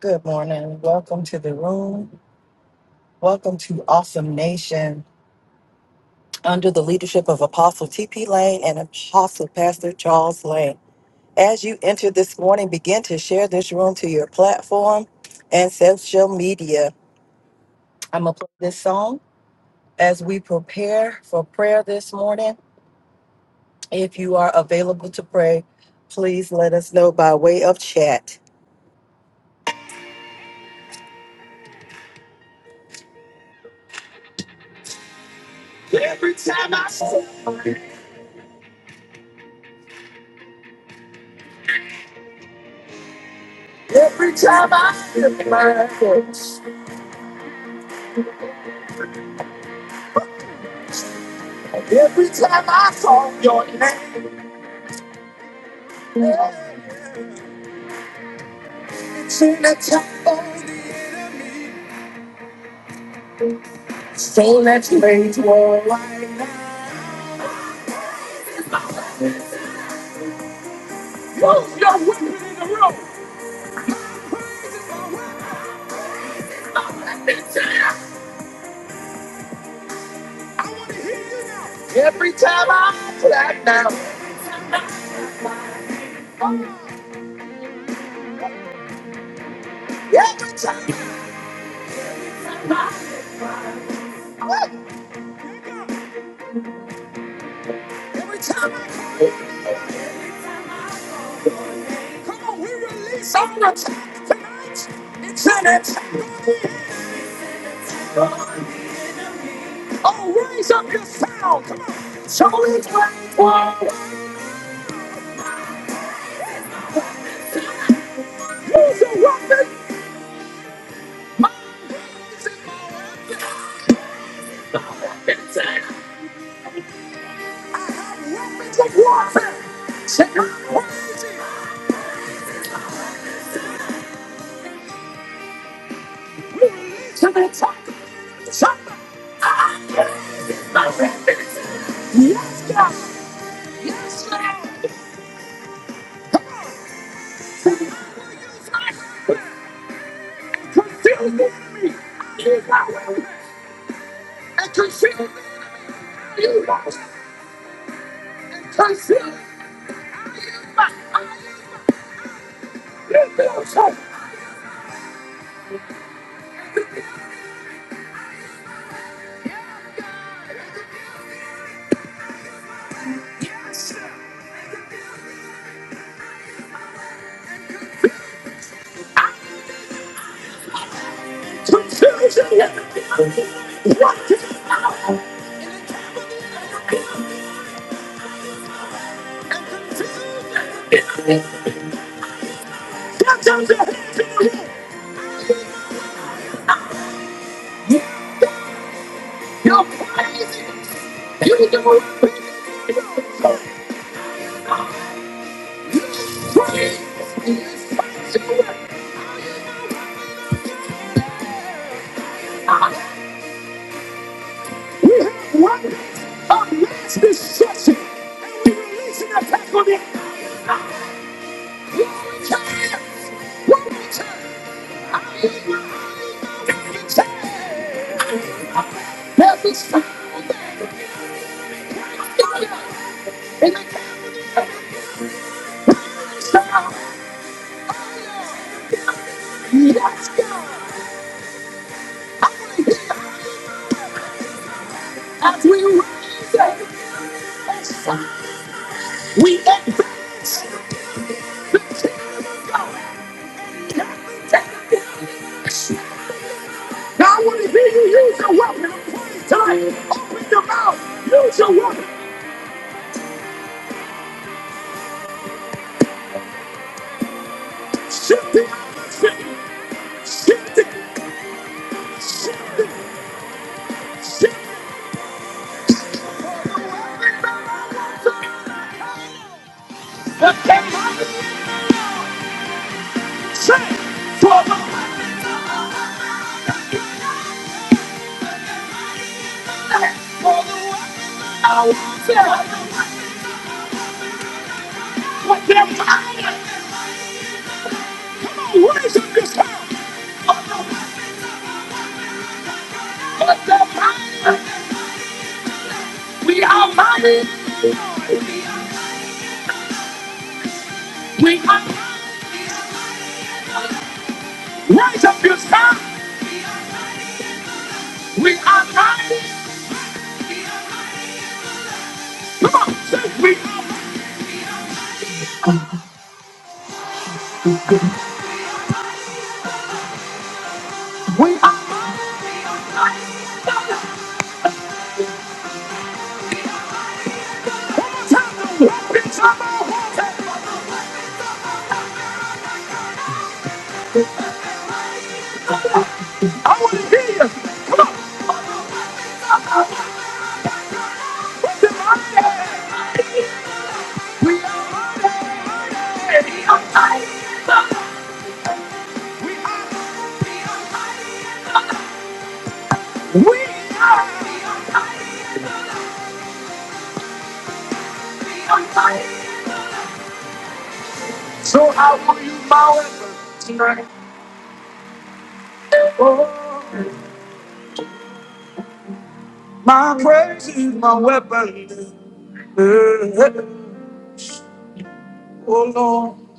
Good morning. Welcome to the room. Welcome to Awesome Nation under the leadership of Apostle T.P. Lane and Apostle Pastor Charles Lane. As you enter this morning, begin to share this room to your platform and social media. I'm going to play this song as we prepare for prayer this morning. If you are available to pray, please let us know by way of chat. Every time I step, every time I step, my foot. Every time I call your name, it's in a temple. So let's raise war right now. Use your weapon in the room. Praise is my weapon. Now let me tell you, I want to hear you now. Every time I clap now. Every time. I Every time I call your name, Come on, we release our attack tonight. It's an attack. Oh, raise up your sound. Come on. It's only 24. Use your weapon. I have weapons of warfare. Say, I'm crazy. Release an attack. Something. I have my weapons. Yes, God. Yes, God. Use my weapon. Confuse the enemy. use my weapon. And confuse the enemy. Confuse my I use my weapon. You're crazy. You're You're crazy. We have weapons of mass destruction, and we release an attack on it. Glory to God. Glory to God. Hallelujah. It's time. There's a sound that- in the kingdom sound. Yes, God. I want to hear as we raise it. It's time. We advance the kingdom of God. Can we take it? Now I want to hear you use your weapon of praise tonight. Open your mouth. Use your weapon. Shift the atmosphere. Shift it. Shift it. Shift it. The king of the Say, for the for the I want to put them higher. Come on, raise up your sound. Put them higher. We are mighty. We are. Rise up your son. We are mighty. Come on, say we are. We are mighty. One more time, the weapons of our warfare. I want to hear you. Come on. Put your money. We are money. We are money. We are. money. We are. money. So I will use my weapon tonight. Oh, my praise is my weapon. Oh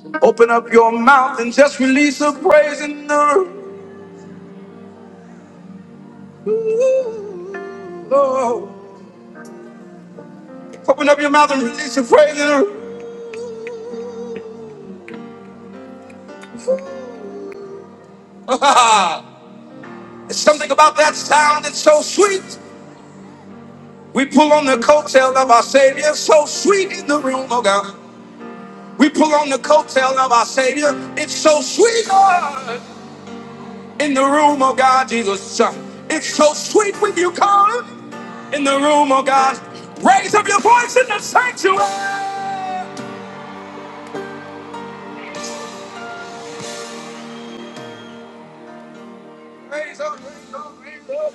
Lord, open up your mouth and just release a praise in the room. Ooh, Lord, open up your mouth and release a praise in the room. There's something about that sound that's so sweet. We pull on the coattail of our Savior, so sweet in the room, oh God. We pull on the coattail of our Savior. It's so sweet, Lord, in the room, oh God, Jesus. Son. It's so sweet when you come in the room, oh God. Raise up your voice in the sanctuary. Praise on, praise on, praise on.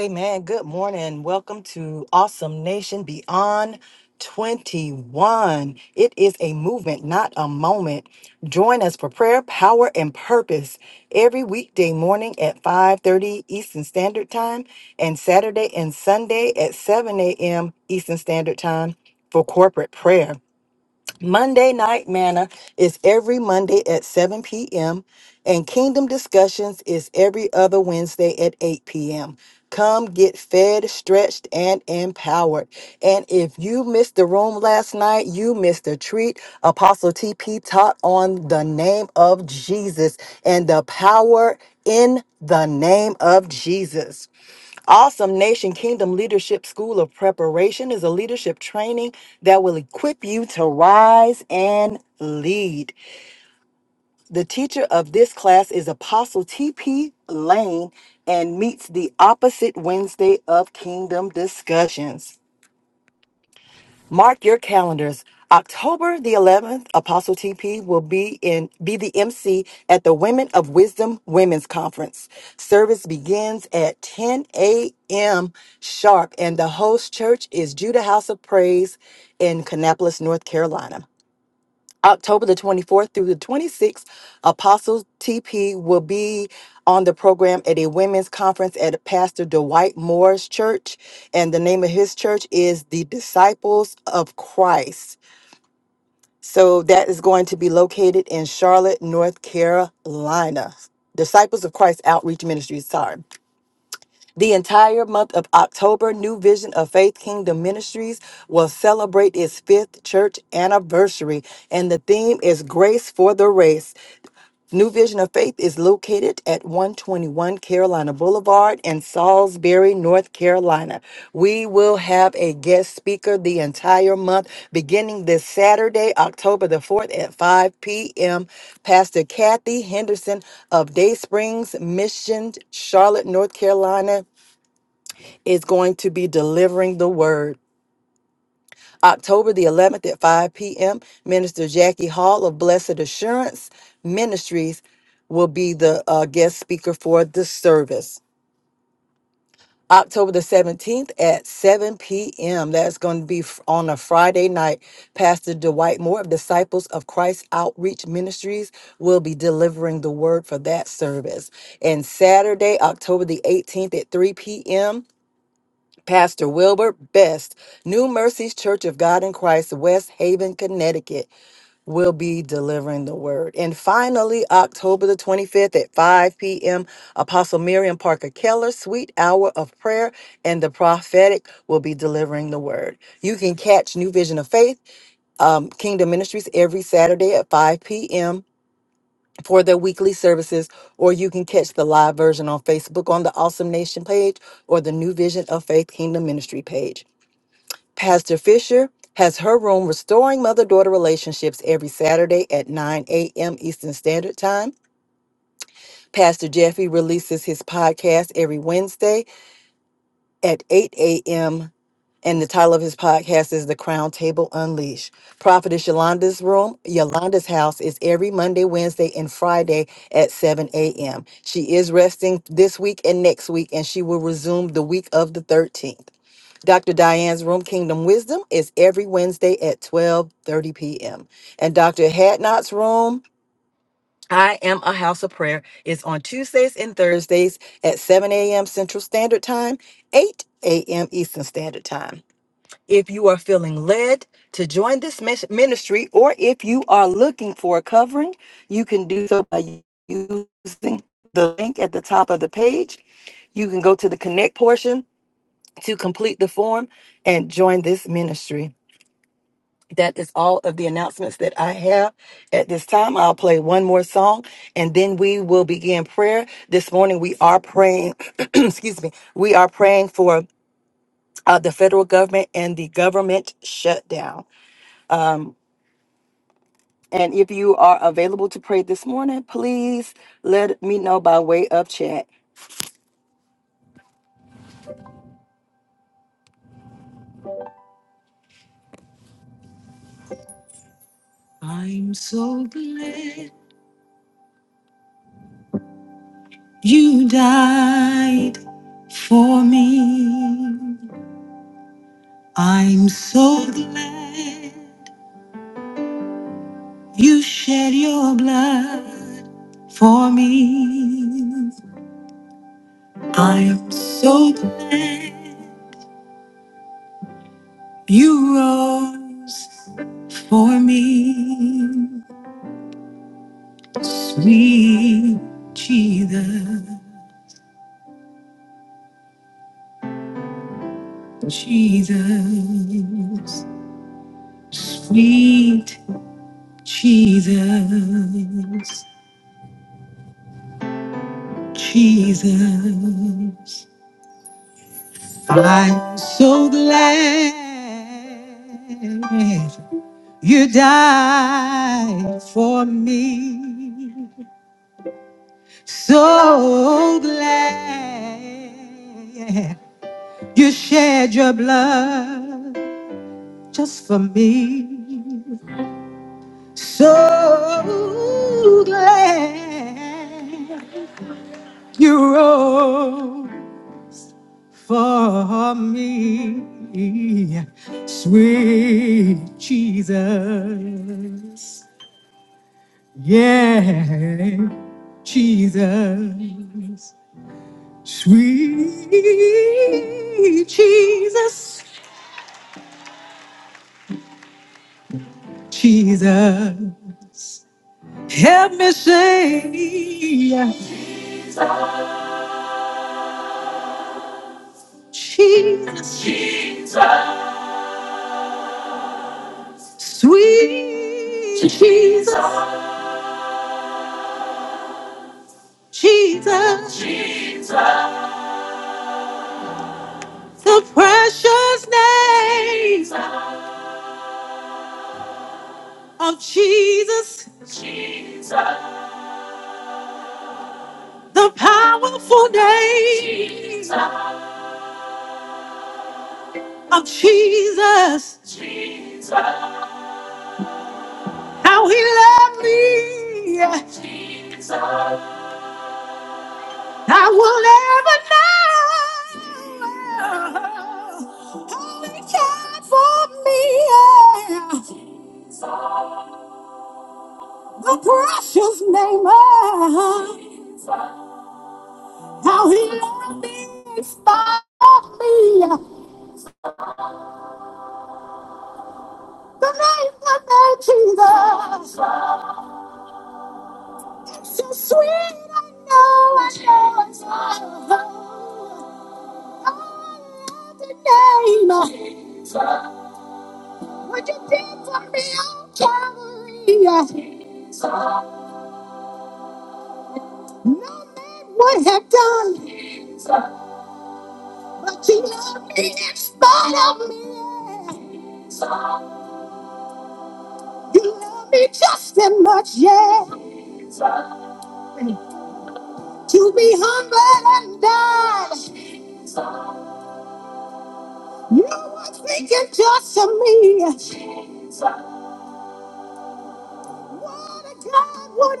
Amen. Good morning. Welcome to Awesome Nation Beyond 21. It is a movement, not a moment. Join us for prayer, power, and purpose every weekday morning at 5:30 Eastern Standard Time and Saturday and Sunday at 7 a.m. Eastern Standard Time for corporate prayer. Monday Night Manna is every Monday at 7 p.m., and Kingdom Discussions is every other Wednesday at 8 p.m. Come get fed, stretched, and empowered. And if you missed the room last night, you missed a treat. Apostle TP taught on the name of Jesus and the power in the name of Jesus. Awesome Nation Kingdom Leadership School of Preparation is a leadership training that will equip you to rise and lead. The teacher of this class is Apostle T.P. Lane and meets the opposite Wednesday of Kingdom Discussions. Mark your calendars. October the 11th, Apostle TP will be in be the MC at the Women of Wisdom Women's Conference. Service begins at 10 a.m. sharp, and the host church is Judah House of Praise in Kannapolis, North Carolina. October the 24th through the 26th, Apostle TP will be on the program at a women's conference at Pastor Dwight Moore's church. And the name of his church is the Disciples of Christ. So that is going to be located in Charlotte, North Carolina. Disciples of Christ Outreach Ministries. Sorry. The entire month of October, New Vision of Faith Kingdom Ministries will celebrate its fifth church anniversary, and the theme is Grace for the Race. New Vision of Faith is located at 121 Carolina Boulevard in Salisbury, North Carolina. We will have a guest speaker the entire month, beginning this Saturday, October the 4th at 5 p.m. Pastor Kathy Henderson of Day Springs Mission, Charlotte, North Carolina is going to be delivering the word. October the 11th at 5 p.m., Minister Jackie Hall of Blessed Assurance Ministries will be the uh, guest speaker for the service. October the 17th at 7 p.m. That's going to be f- on a Friday night. Pastor Dwight Moore of Disciples of Christ Outreach Ministries will be delivering the word for that service. And Saturday, October the 18th at 3 p.m. Pastor Wilbert Best, New Mercies Church of God in Christ, West Haven, Connecticut, will be delivering the word. And finally, October the 25th at 5 p.m., Apostle Miriam Parker Keller, Sweet Hour of Prayer and the Prophetic, will be delivering the word. You can catch New Vision of Faith, um, Kingdom Ministries, every Saturday at 5 p.m. For their weekly services, or you can catch the live version on Facebook on the Awesome Nation page or the New Vision of Faith Kingdom Ministry page. Pastor Fisher has her room restoring mother daughter relationships every Saturday at 9 a.m. Eastern Standard Time. Pastor Jeffy releases his podcast every Wednesday at 8 a.m. And the title of his podcast is The Crown Table Unleashed. Prophetess Yolanda's room, Yolanda's house is every Monday, Wednesday, and Friday at 7 a.m. She is resting this week and next week, and she will resume the week of the 13th. Dr. Diane's Room Kingdom Wisdom is every Wednesday at 12:30 p.m. And Dr. Hadnot's Room I am a house of prayer. It's on Tuesdays and Thursdays at 7 a.m. Central Standard Time, 8 a.m. Eastern Standard Time. If you are feeling led to join this mis- ministry, or if you are looking for a covering, you can do so by using the link at the top of the page. You can go to the connect portion to complete the form and join this ministry that is all of the announcements that I have at this time. I'll play one more song and then we will begin prayer. This morning we are praying, excuse me, we are praying for uh, the federal government and the government shutdown. And if you are available to pray this morning, please let me know by way of chat. You shed your blood for me. I am so glad. You rose for me, sweet Jesus, Jesus, sweet Jesus, Jesus. I'm so glad you died for me. So glad you shed your blood. just for me. So glad you wrote for me, sweet Jesus. Yeah, Jesus, sweet Jesus, Jesus. Help me say, Jesus. Sweet Jesus, Jesus, Jesus, the precious name of Jesus, Jesus, the powerful name of Jesus, Jesus, how he loved me, I will never know. How he cared for me, the precious name of how he loved me, inspired me. The name, the name, Jesus. So sweet, I know, I know it's love. All day, you did for me, Calvary. No man done, but you did in spite of me. You love me just as much, yeah. To be humble and die. You were thinking just of me. What a God, what a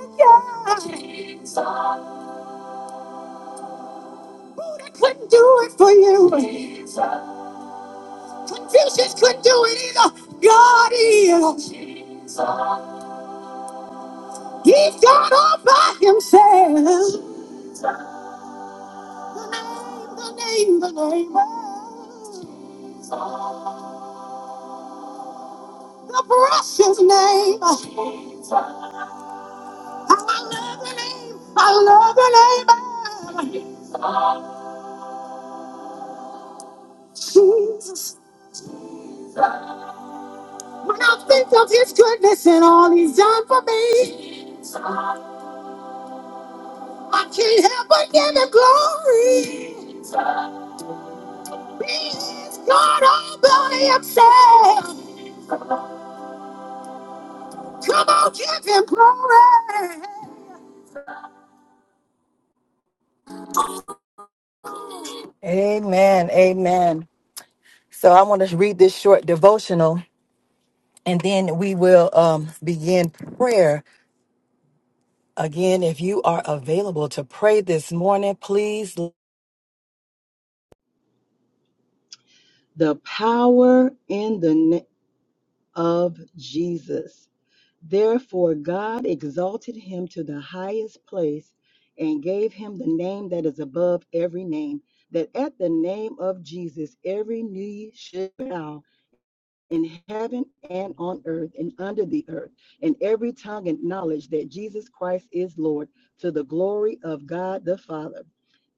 God. Buddha couldn't do it for you. Confucius couldn't do it either. God is. He's God all by himself. The name, the name, the name. The precious name. I love the name. I love the name. Jesus. When I think of his goodness and all he's done for me, I can't help but give him glory. He is God all by himself. Come on, give him glory. Amen. Amen. So I want to read this short devotional and then we will um, begin prayer. Again, if you are available to pray this morning, please The power in the name of Jesus. Therefore, God exalted him to the highest place and gave him the name that is above every name, that at the name of Jesus every knee should bow in heaven and on earth and under the earth, and every tongue acknowledge that Jesus Christ is Lord to the glory of God the Father.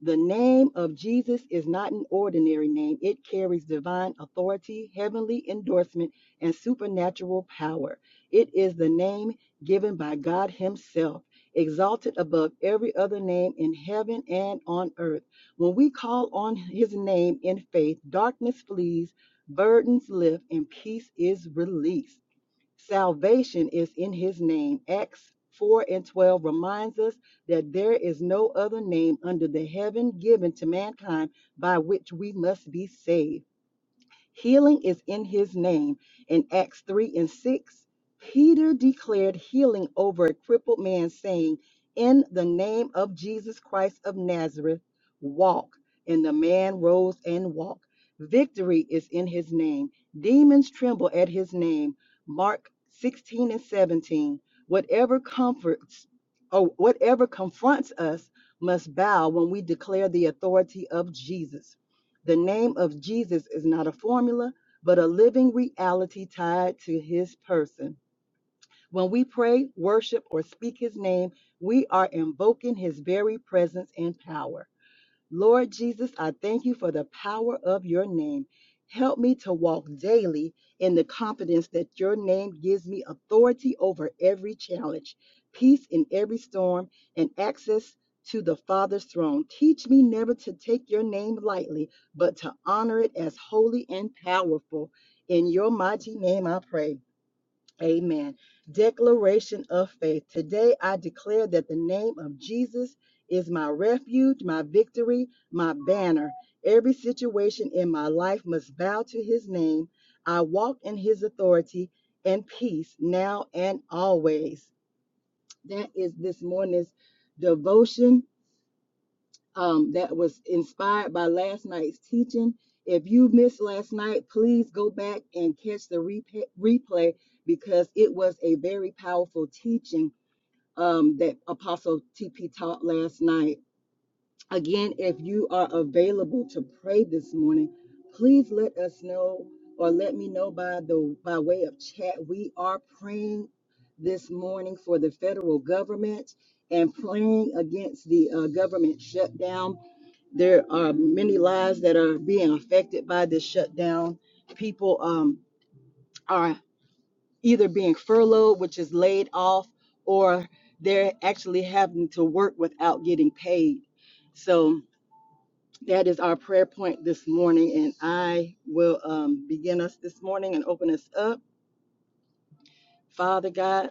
The name of Jesus is not an ordinary name. It carries divine authority, heavenly endorsement, and supernatural power. It is the name given by God Himself, exalted above every other name in heaven and on earth. When we call on His name in faith, darkness flees Burdens lift and peace is released. Salvation is in his name. Acts 4 and 12 reminds us that there is no other name under the heaven given to mankind by which we must be saved. Healing is in his name. In Acts 3 and 6, Peter declared healing over a crippled man, saying, In the name of Jesus Christ of Nazareth, walk. And the man rose and walked. Victory is in his name. Demons tremble at his name. Mark 16 and 17. Whatever comforts or whatever confronts us must bow when we declare the authority of Jesus. The name of Jesus is not a formula, but a living reality tied to his person. When we pray, worship, or speak his name, we are invoking his very presence and power. Lord Jesus, I thank you for the power of your name. Help me to walk daily in the confidence that your name gives me authority over every challenge, peace in every storm, and access to the Father's throne. Teach me never to take your name lightly, but to honor it as holy and powerful. In your mighty name I pray. Amen. Declaration of faith. Today I declare that the name of Jesus is my refuge, my victory, my banner. Every situation in my life must bow to his name. I walk in his authority and peace now and always. That is this morning's devotion um, that was inspired by last night's teaching. If you missed last night, please go back and catch the repa- replay because it was a very powerful teaching um, that Apostle TP taught last night. Again, if you are available to pray this morning, please let us know or let me know by the by way of chat. We are praying this morning for the federal government and praying against the uh, government shutdown there are many lives that are being affected by this shutdown. People um, are either being furloughed, which is laid off, or they're actually having to work without getting paid. So that is our prayer point this morning, and I will um, begin us this morning and open us up. Father God,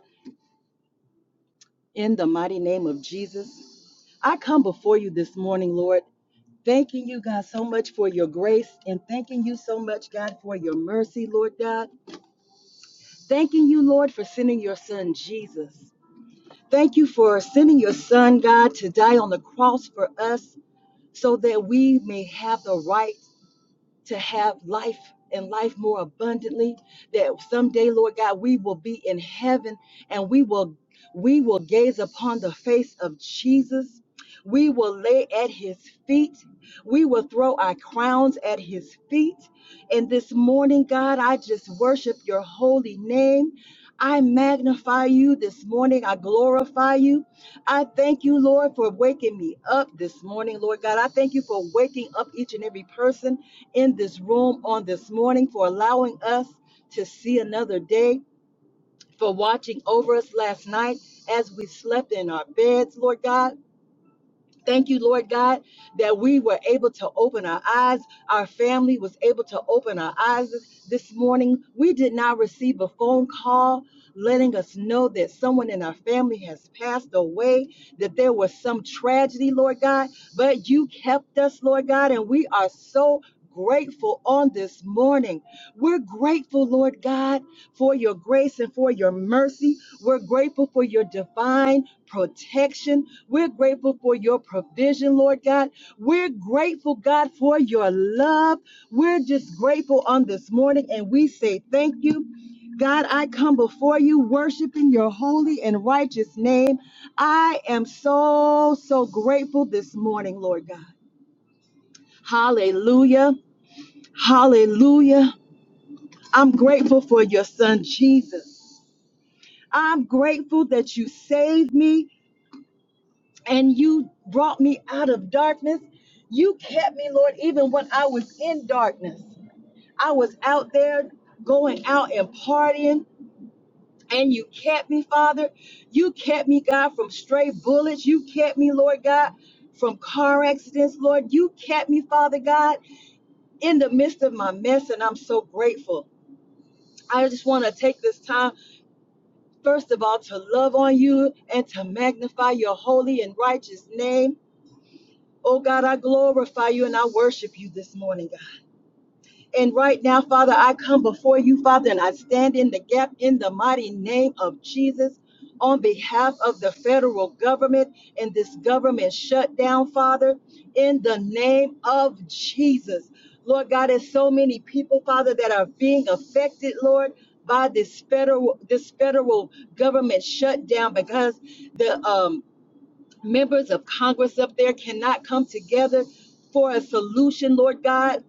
in the mighty name of Jesus, I come before you this morning, Lord, thanking you, God, so much for your grace and thanking you so much, God, for your mercy, Lord God. Thanking you, Lord, for sending your son, Jesus. Thank you for sending your son, God, to die on the cross for us so that we may have the right to have life and life more abundantly that someday lord god we will be in heaven and we will we will gaze upon the face of jesus we will lay at his feet we will throw our crowns at his feet and this morning god i just worship your holy name I magnify you this morning. I glorify you. I thank you, Lord, for waking me up this morning, Lord God. I thank you for waking up each and every person in this room on this morning, for allowing us to see another day, for watching over us last night as we slept in our beds, Lord God. Thank you, Lord God, that we were able to open our eyes. Our family was able to open our eyes this this morning. We did not receive a phone call letting us know that someone in our family has passed away, that there was some tragedy, Lord God, but you kept us, Lord God, and we are so grateful on this morning. We're grateful, Lord God for your grace and for your mercy. We're grateful for your divine protection. We're grateful for your provision, Lord God. We're grateful, God, for your love. We're just grateful on this morning and we say thank you. I come before you worshiping your holy and righteous name. I am so grateful. I'm grateful that you saved me and you brought me out of darkness. You kept me, Lord, even when I was in darkness. I was out there going out and partying, and you kept me, Father. You kept me, God, from stray bullets. You kept me, Lord God, from car accidents, Lord. You kept me, Father God, in the midst of my mess, and I'm so grateful. I just want to take this time, first of all, to love on you and to magnify your holy and righteous name. Oh God, I glorify you and I worship you this morning, God. And right now, Father, I come before you, Father, and I stand in the gap in the mighty name of Jesus on behalf of the federal government and this government shutdown, Father, in the name of Jesus. Lord God, there's so many people, Father, that are being affected, Lord, by this federal this federal government shutdown because the um, members of Congress up there cannot come together for a solution, Lord God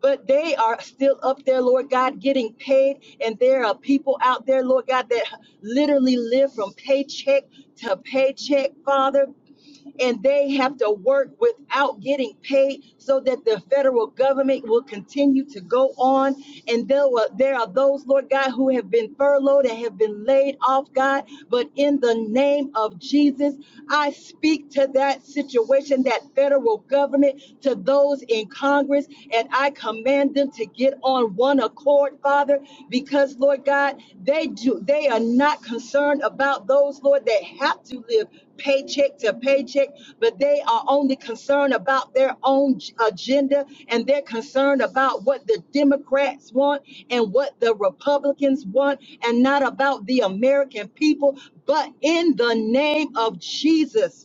but they are still up there, Lord God, getting paid. And there are people out there, Lord God, that literally live from paycheck to paycheck, Father and they have to work without getting paid so that the federal government will continue to go on. And there, were, there are those, Lord God, who have been furloughed and have been laid off, God. But in the name of Jesus, I speak to that situation, that federal government, to those in Congress, and I command them to get on one accord, Father, because Lord God, they do they are not concerned about those, Lord, that have to live paycheck paycheck to paycheck, but they are only concerned about their own agenda and they're concerned about what the Democrats want and what the Republicans want and not about the American people. But in the name of Jesus,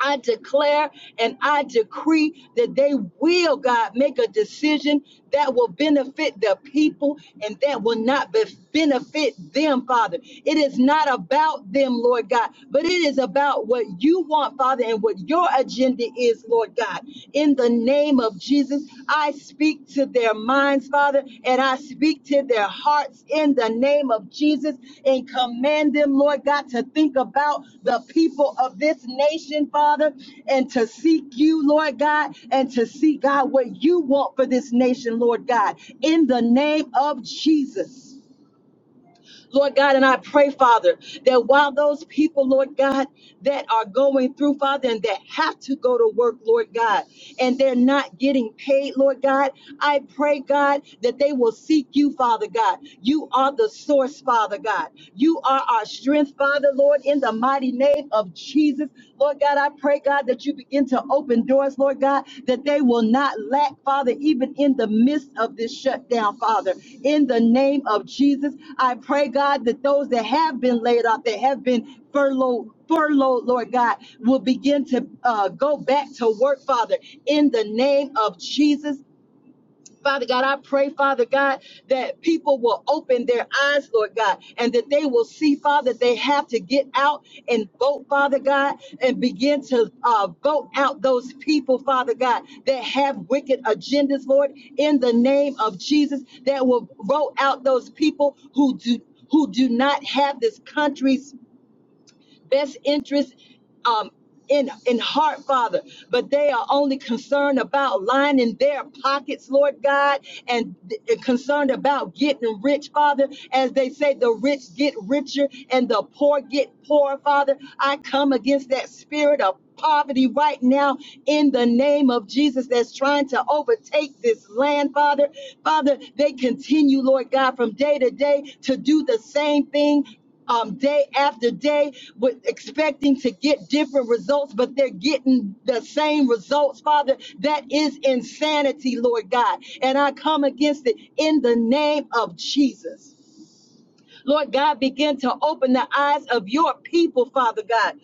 I declare and I decree that they will, God, make a decision that will benefit the people and that will not be- benefit them, Father. It is not about them, Lord God, but it is about what you want, Father, and what your agenda is, Lord God. In the name of Jesus, I speak to their minds, Father, and I speak to their hearts in the name of Jesus and command them, Lord God, to think about the people of this nation, Father, and to seek you, Lord God, and to seek, God, what you want for this nation, Lord God, in the name of Jesus. Lord God, and I pray, Father, that while those people, Lord God, that are going through, Father, and that have to go to work, Lord God, and they're not getting paid, Lord God, I pray, God, that they will seek you, Father God. You are the source, Father God. You are our strength, Father, Lord, in the mighty name of Jesus. Lord God, I pray, God, that you begin to open doors, Lord God, that they will not lack, Father, even in the midst of this shutdown, Father. In the name of Jesus, I pray, God, that those that have been laid off, that have been furloughed, furloughed, Lord God, will begin to uh, go back to work, Father, in the name of Jesus. Father God, I pray, Father God, that people will open their eyes, Lord God, and that they will see, Father, they have to get out and vote, Father God, and begin to uh, vote out those people, Father God, that have wicked agendas, Lord, in the name of Jesus, that will vote out those people who do who do not have this country's best interest um, in, in heart, Father, but they are only concerned about lining their pockets, Lord God, and th- concerned about getting rich, Father. As they say, the rich get richer and the poor get poorer, Father. I come against that spirit of poverty right now in the name of Jesus that's trying to overtake this land, Father. Father, they continue, Lord God, from day to day to do the same thing um, day after day with expecting to get different results, but they're getting the same results, Father. That is insanity, Lord God. And I come against it in the name of Jesus. Lord God, begin to open the eyes of your people, Father God.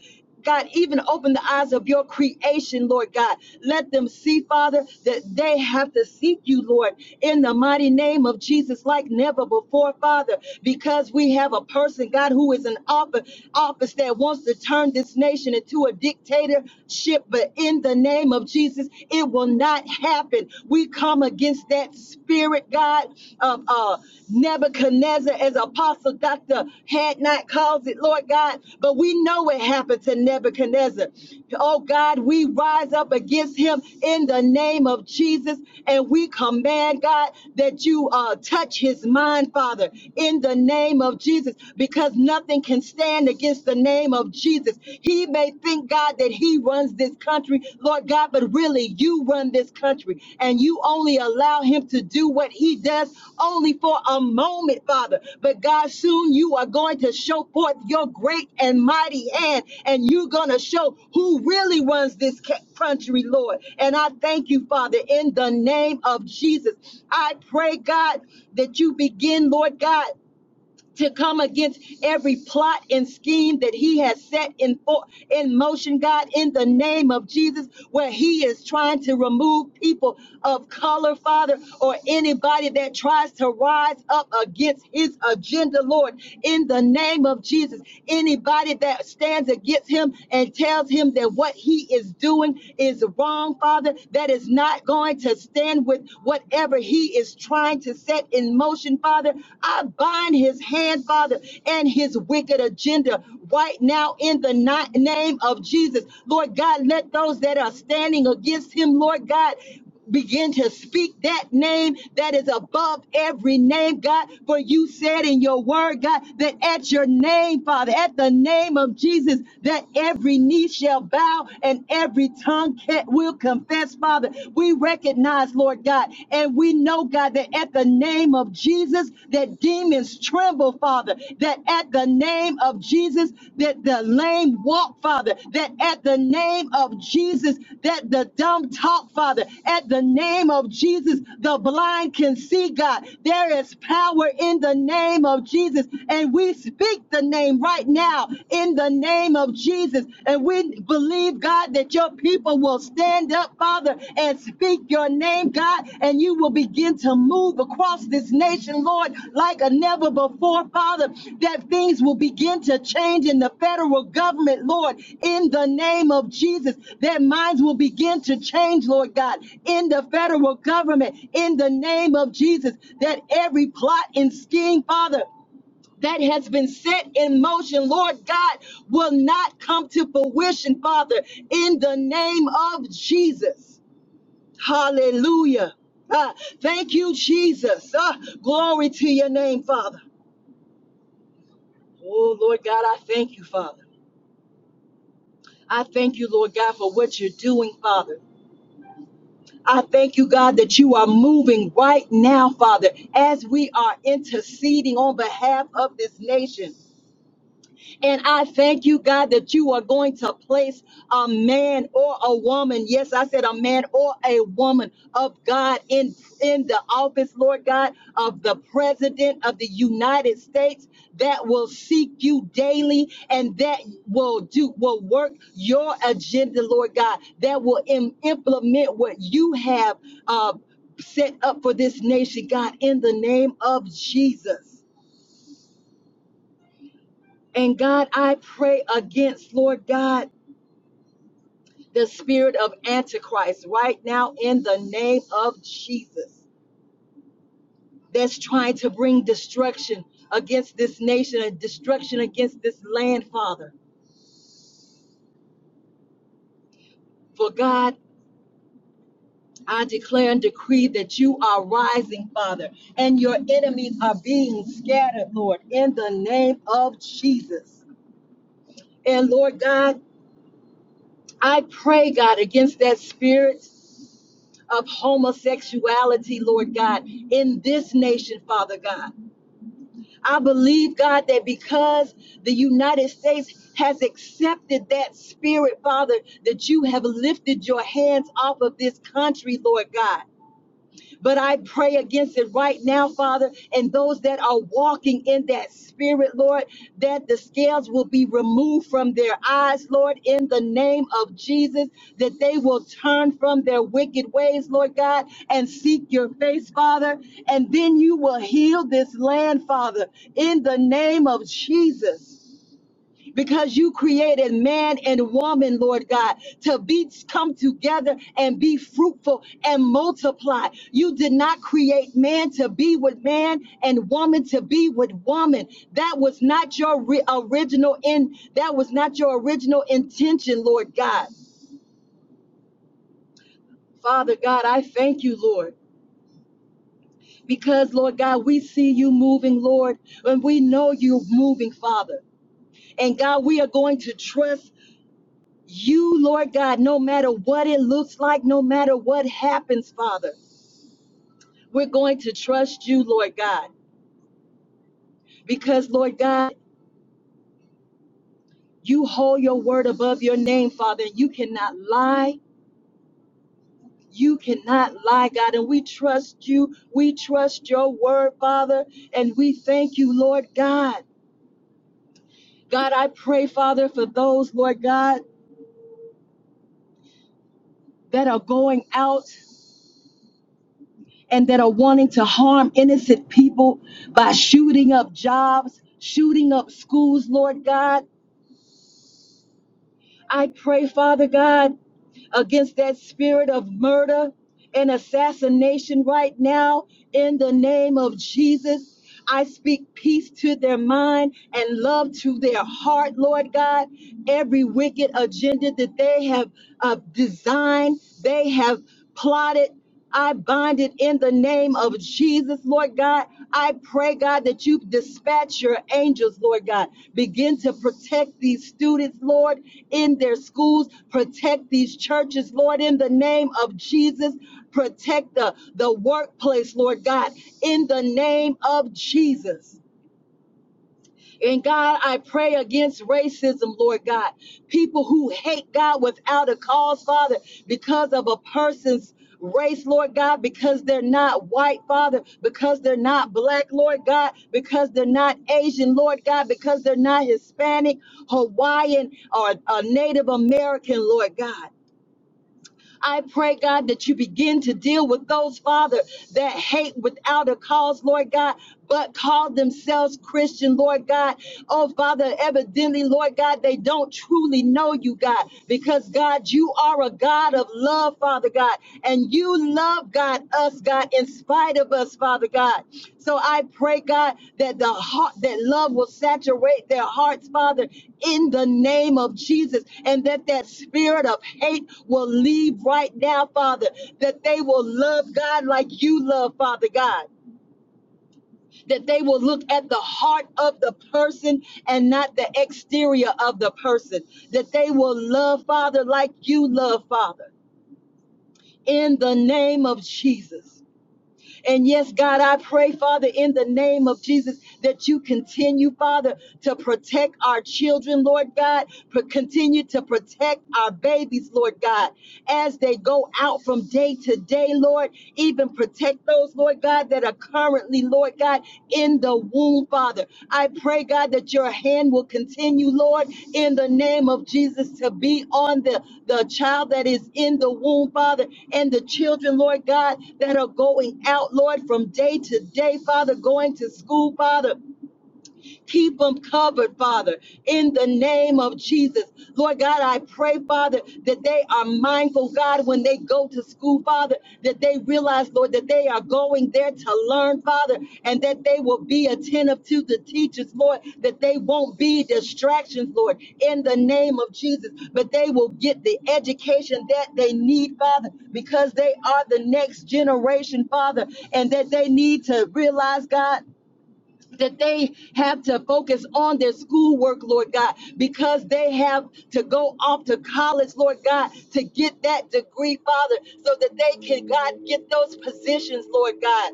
God, even open the eyes of your creation, Lord God. Let them see, Father, that they have to seek you, Lord, in the mighty name of Jesus, like never before, Father, because we have a person, God, who is in office, office that wants to turn this nation into a dictatorship. But in the name of Jesus, it will not happen. We we come against that spirit, God, of uh, Nebuchadnezzar, as Apostle Dr. Hadnot calls it, Lord God. But we know what happened to Nebuchadnezzar. Oh, God, we rise up against him in the name of Jesus, and we command, God, that you uh, touch his mind, Father, in the name of Jesus, because nothing can stand against the name of Jesus. He may may think, God, that he runs this country, Lord God, but really you run this country and you only allow him to do what he does only for a moment, Father. But God, soon you are going to show forth your great and mighty hand and you're going to show who really runs this ca- country, Lord. And I thank you, Father, in the name of Jesus. I pray, God, that you begin, Lord God to come against every plot and scheme that he has set in for, in motion, God, in the name of Jesus, where he is trying to remove people of color, Father, or anybody that tries to rise up against his agenda, Lord, in the name of Jesus. Anybody that stands against him and tells him that what he is doing is wrong, Father, that is not going to stand with whatever he he is trying to set in motion, Father. I bind his hand, Father, and his wicked agenda right now in the ni- name of Jesus. Lord God, let those that are standing against him, Lord God, begin to speak that name that is above every name, God. For you said in your word, God, that at your name, Father, at the name of Jesus, that every knee shall bow and every tongue ca- will confess, Father. We recognize, Lord God, and we know, God, that at the name of Jesus, that demons tremble, Father. That at the name of Jesus, that the lame walk, Father. That at the name of Jesus, that the dumb talk, Father. At the name of Jesus, the blind can see, God. There is power in the name of Jesus, and we speak the name right now in the name name of Jesus. And we believe, God, that your people will stand up, Father, and speak your name, God, and you will begin to move across this nation, Lord, like a never before, Father, that things will begin to change in the federal government, Lord, in the name of Jesus, that minds will begin to change, Lord God, in the federal government, in the name of Jesus, that every plot and scheme, Father, that has been set in motion, Lord God, will not come to fruition, Father, in the name of Jesus. Hallelujah. Ah, thank you, Jesus. Ah, glory to your name, Father. Oh, Lord God, I thank you, Father. I thank you, Lord God, for what you're doing, Father. I thank you, God, that you are moving right now, Father, as we are interceding on behalf of this nation. And I thank you, God, that you are going to place a man or a woman. Yes, I said a man or a woman of God in, in the office, Lord God, of the President of the United States that will seek you daily and that will do will work your agenda, Lord God, that will im- implement what you have uh, set up for this nation, God, in the name of Jesus. And God, I pray against, Lord God. the spirit of Antichrist right now in the name of Jesus that's trying to bring destruction against this nation and destruction against this land, Father. For God, I declare and decree that you are rising, Father, and your enemies are being scattered, Lord, in the name of Jesus. And Lord God, I pray, God, against that spirit of homosexuality, Lord God, in this nation, Father God. I believe, God, that because the United States has accepted that spirit, Father, that you have lifted your hands off of this country, Lord God. But I pray against it right now, Father, and those that are walking in that spirit, Lord, that the scales will be removed from their eyes, Lord, in the name of Jesus, that they will turn from their wicked ways, Lord God, and seek your face, Father. And then you will heal this land, Father, in the name of Jesus because you created man and woman, Lord God, to be come together and be fruitful and multiply. You did not create man to be with man and woman to be with woman. That was not your ri- original in that was not your original intention, Lord God. Father God, I thank you, Lord. Because, Lord God, we see you moving, Lord, and we know you're moving, Father. And God, we are going to trust you, Lord God, no matter what it looks like, no matter what happens, Father, we're going to trust you, Lord God, because, Lord God, you hold your word above your name, Father, and you cannot lie. You cannot lie, God, and we trust you. We trust your word, Father, and we thank you, Lord God. God, I pray, Father, for those, Lord God, that are going out. and that are wanting to harm innocent people by shooting up jobs, shooting up schools, Lord God. I pray, Father God, against that spirit of murder and assassination right now in the name of Jesus. I speak peace to their mind and love to their heart, Lord God. Every wicked agenda that they have uh, designed, they have plotted. I bind it in the name of Jesus, Lord God. I pray, God, that you dispatch your angels, Lord God. Begin to protect these students, Lord, in their schools. Protect these churches, Lord, in the name of Jesus. Protect the, the workplace, Lord God, in the name of Jesus. And God, I pray against racism, Lord God. People who hate God without a cause, Father, because of a person's race, Lord God, because they're not white, Father, because they're not black, Lord God, because they're not Asian, Lord God, because they're not Hispanic, Hawaiian, or a Native American, Lord God. I pray, God, that you begin to deal with those, Father, that hate without a cause, Lord God, but call themselves Christian, Lord God. Oh, Father, evidently, Lord God, they don't truly know you, God, because, God, you are a God of love, Father God, and you love God. God, us, God, in spite of us, Father God. So I pray, God, that the heart, that love will saturate their hearts, Father, in the name of Jesus, and that that spirit of hate will leave right now, Father, that they will love God like you love, Father God. That they will look at the heart of the person and not the exterior of the person. That they will love, Father, like you love, Father, in the name of Jesus. And yes, God, I pray, Father, in the name of Jesus, that you continue, Father, to protect our children, Lord God, Pro- continue to protect our babies, Lord God, as they go out from day to day, Lord, even protect those, Lord God, that are currently, Lord. Lord God, in the womb, Father. I pray, God, that your hand will continue, Lord, in the name of Jesus, to be on the, the child that is in the womb, Father, and the children, Lord God, that are going out, Lord, from day to day, Father, going to school, Father. Keep them covered, Father, in the name of Jesus. Lord God, I pray, Father, that they are mindful, God, when they go to school, Father, that they realize, Lord, that they are going there to learn, Father, and that they will be attentive to the teachers, Lord, that they won't be distractions, Lord, in the name of Jesus, but they will get the education that they need, Father, because they are the next generation, Father, and that they need to realize, God, that they have to focus on their schoolwork, Lord God, because they have to go off to college, Lord God, to get that degree, Father, so that they can, God, get those positions, Lord God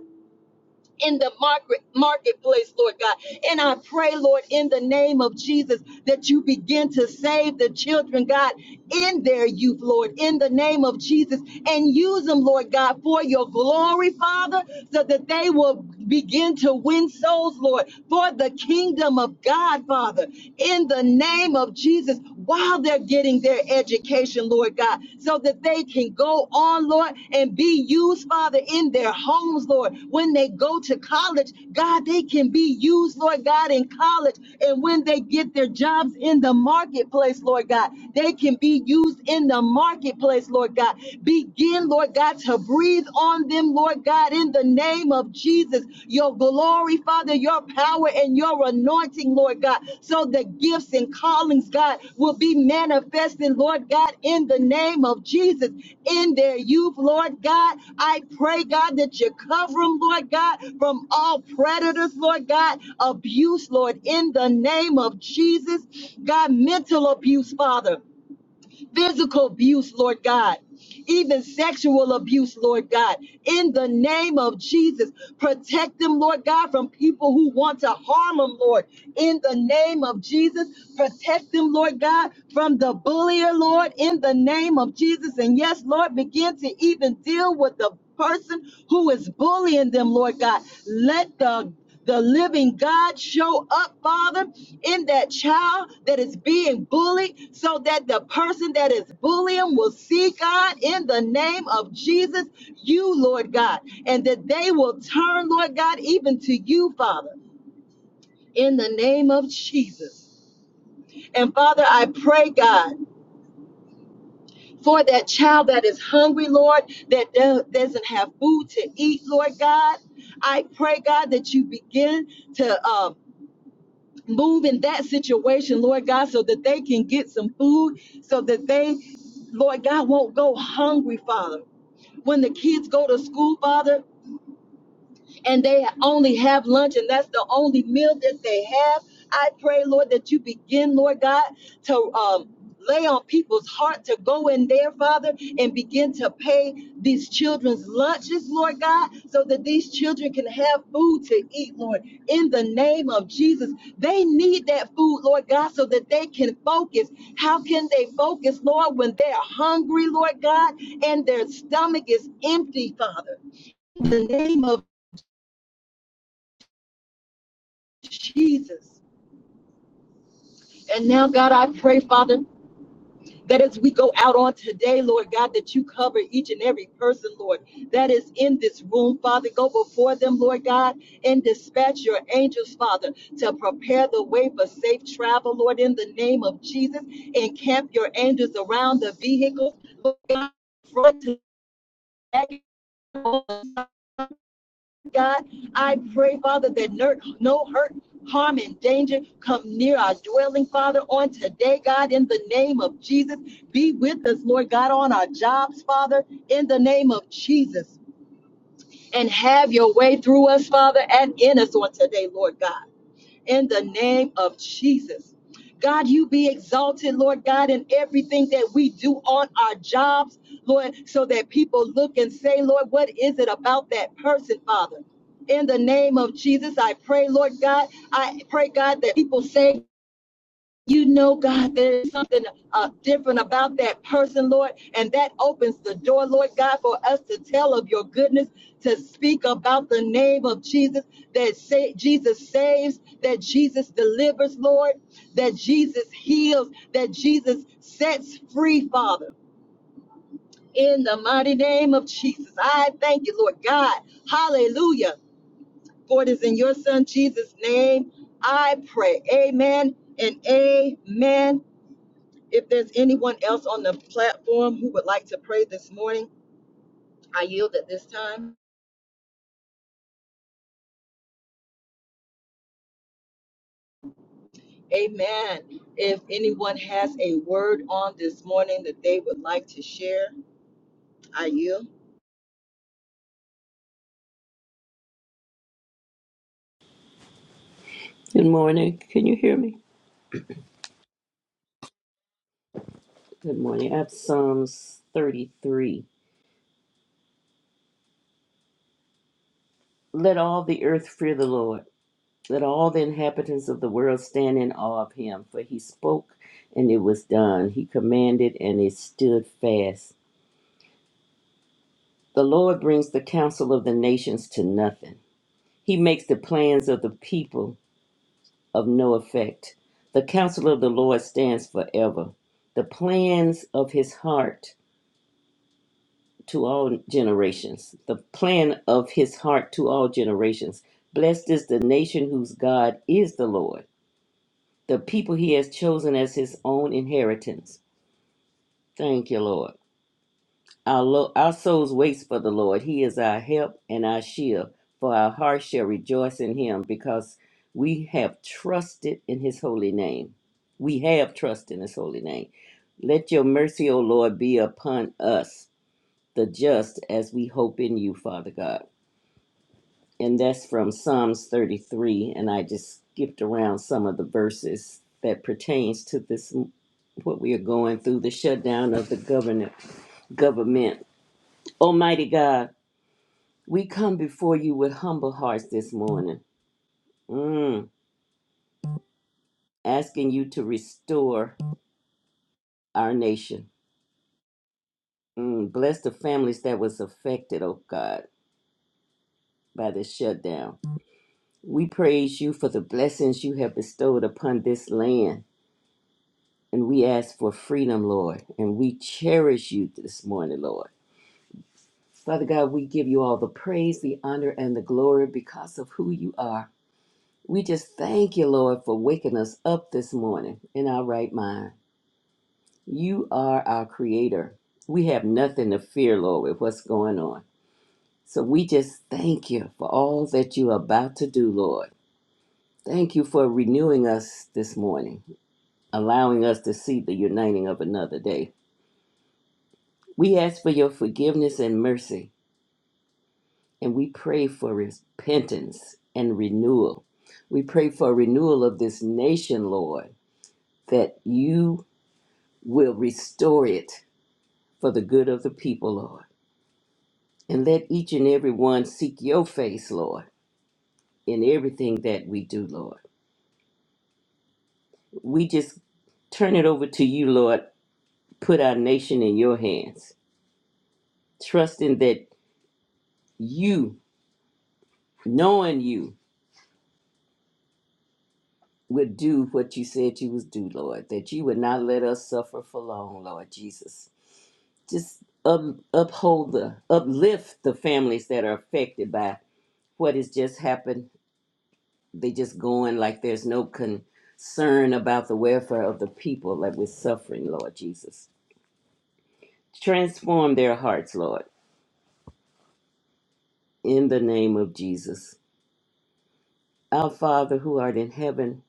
in the market, marketplace, Lord God. And I pray, Lord, in the name of Jesus, that you begin to save the children, God, in their youth, Lord, in the name of Jesus, and use them, Lord God, for your glory, Father, so that they will begin to win souls, Lord, for the kingdom of God, Father, in the name of Jesus, while they're getting getting their education, Lord God, so that they can go on, Lord, and be used, Father, in their homes, Lord. When they go to college, God, they can be used, Lord God, in college. And when they get their jobs in the marketplace, Lord God, they can be used in the marketplace, Lord God. Begin, Lord God, to breathe on them, Lord God, in the name of Jesus. Jesus, your glory, Father, your power and your anointing, Lord God, so the gifts and callings, God, will be manifested, Lord God, in the name of Jesus, in their youth, Lord God. I pray, God, that you cover them, Lord God, from all predators, Lord God, abuse, Lord, in the name of Jesus, God, mental abuse, Father physical abuse, Lord God, even sexual abuse, Lord God. In the name of Jesus, protect them, Lord God, from people who want to harm them, Lord. In the name of Jesus, protect them, Lord God, from the bullier, Lord. In the name of Jesus. And yes, Lord, begin to even deal with the person who is bullying them, Lord God. Let the the living God show up, Father, in that child that is being bullied, so that the person that is bullying will see God in the name of Jesus, you, Lord God, and that they will turn, Lord God, even to you, Father, in the name of Jesus. And Father, I pray, God, for that child that is hungry, Lord, that do- doesn't have food to eat, Lord God. I pray, God, that you begin to. uh, move in that situation, Lord God, so that they can get some food, so that they, Lord God, won't go hungry, Father. When the kids go to school, Father, and they only have lunch and that's the only meal that they have. I pray, Lord, that you begin, Lord God, to um, lay on people's heart to go in there, Father, and begin to pay these children's lunches, Lord God, so that these children can have food to eat, Lord, in the name of Jesus. They need that food, Lord God, so that they can focus. How can they focus, Lord, when they're hungry, Lord God, and their stomach is empty, Father? In the name of Jesus. And now, God, I pray, Father, that as we go out on today, Lord God, that you cover each and every person, Lord, that is in this room, Father. Go before them, Lord God, and dispatch your angels, Father, to prepare the way for safe travel, Lord, in the name of Jesus. Encamp your angels around the vehicles, Lord God, front to back. God. I pray, Father, that no hurt, harm, and danger come near our dwelling, Father, on today, God, in the name of Jesus. Be with us, Lord God, on our jobs, Father, in the name of Jesus. And have your way through us, Father, and in us on today, Lord God in the name of Jesus. God, you be exalted, Lord God, in everything that we do on our jobs, Lord, so that people look and say, Lord, what is it about that person, Father? In the name of Jesus, I pray, Lord God, I pray, God, that people say, you know, God, there is something uh, different about that person, Lord, and that opens the door, Lord God, for us to tell of your goodness, to speak about the name of Jesus, that sa- Jesus saves, that Jesus delivers, Lord, that Jesus heals, that Jesus sets free, Father. In the mighty name of Jesus, I thank you, Lord God. Hallelujah. For it is in your Son Jesus' name I pray. Amen and amen if there's anyone else on the platform who would like to pray this morning, I yield at this time. Amen. If anyone has a word on this morning that they would like to share, I yield. Good morning. Can you hear me? Good morning. I have Psalms 33. Let all the earth fear the Lord. Let all the inhabitants of the world stand in awe of him. For he spoke and it was done. He commanded and it stood fast. The Lord brings the counsel of the nations to nothing. He makes the plans of the people of no effect. The counsel of the Lord stands forever. The plans of his heart to all generations, the plan of his heart to all generations. Blessed is the nation whose God is the Lord, the people he has chosen as his own inheritance. Thank you, Lord. Our, lo- our souls waits for the Lord. He is our help and our shield, for our hearts shall rejoice in him because we have trusted in his holy name. We have trust in his holy name. Let your mercy, O Lord, be upon us, the just, as we hope in you, Father God. and that's from Psalms 33. And I just skipped around some of the verses that pertains to this what we are going through the shutdown of the government. Government, Almighty God, we come before you with humble hearts this morning, mm, asking you to restore our nation. Mm, bless the families that was affected, oh God, by this shutdown. We praise you for the blessings you have bestowed upon this land And we ask for freedom, Lord. And we cherish you this morning, Lord. Father God, we give you all the praise, the honor, and the glory because of who you are. We just thank you, Lord, for waking us up this morning in our right mind. You are our creator. We have nothing to fear, Lord, with what's going on. So we just thank you for all that you are about to do, Lord. Thank you for renewing us this morning, allowing us to see the uniting of another day. We ask for your forgiveness and mercy, and we pray for repentance and renewal. We pray for renewal of this nation, Lord, that you will restore it for the good of the people, Lord. And let each and every one seek your face, Lord, in everything that we do, Lord. We just turn it over to you, Lord. Put our nation in your hands, trusting that you, knowing you, would do what you said you would do, Lord, that you would not let us suffer for long, Lord Jesus. Just up, uphold the, uplift the families that are affected by what has just happened. They just going like there's no concern about the welfare of the people that we're suffering, Lord Jesus. Transform their hearts, Lord, in the name of Jesus. Our Father who art in heaven,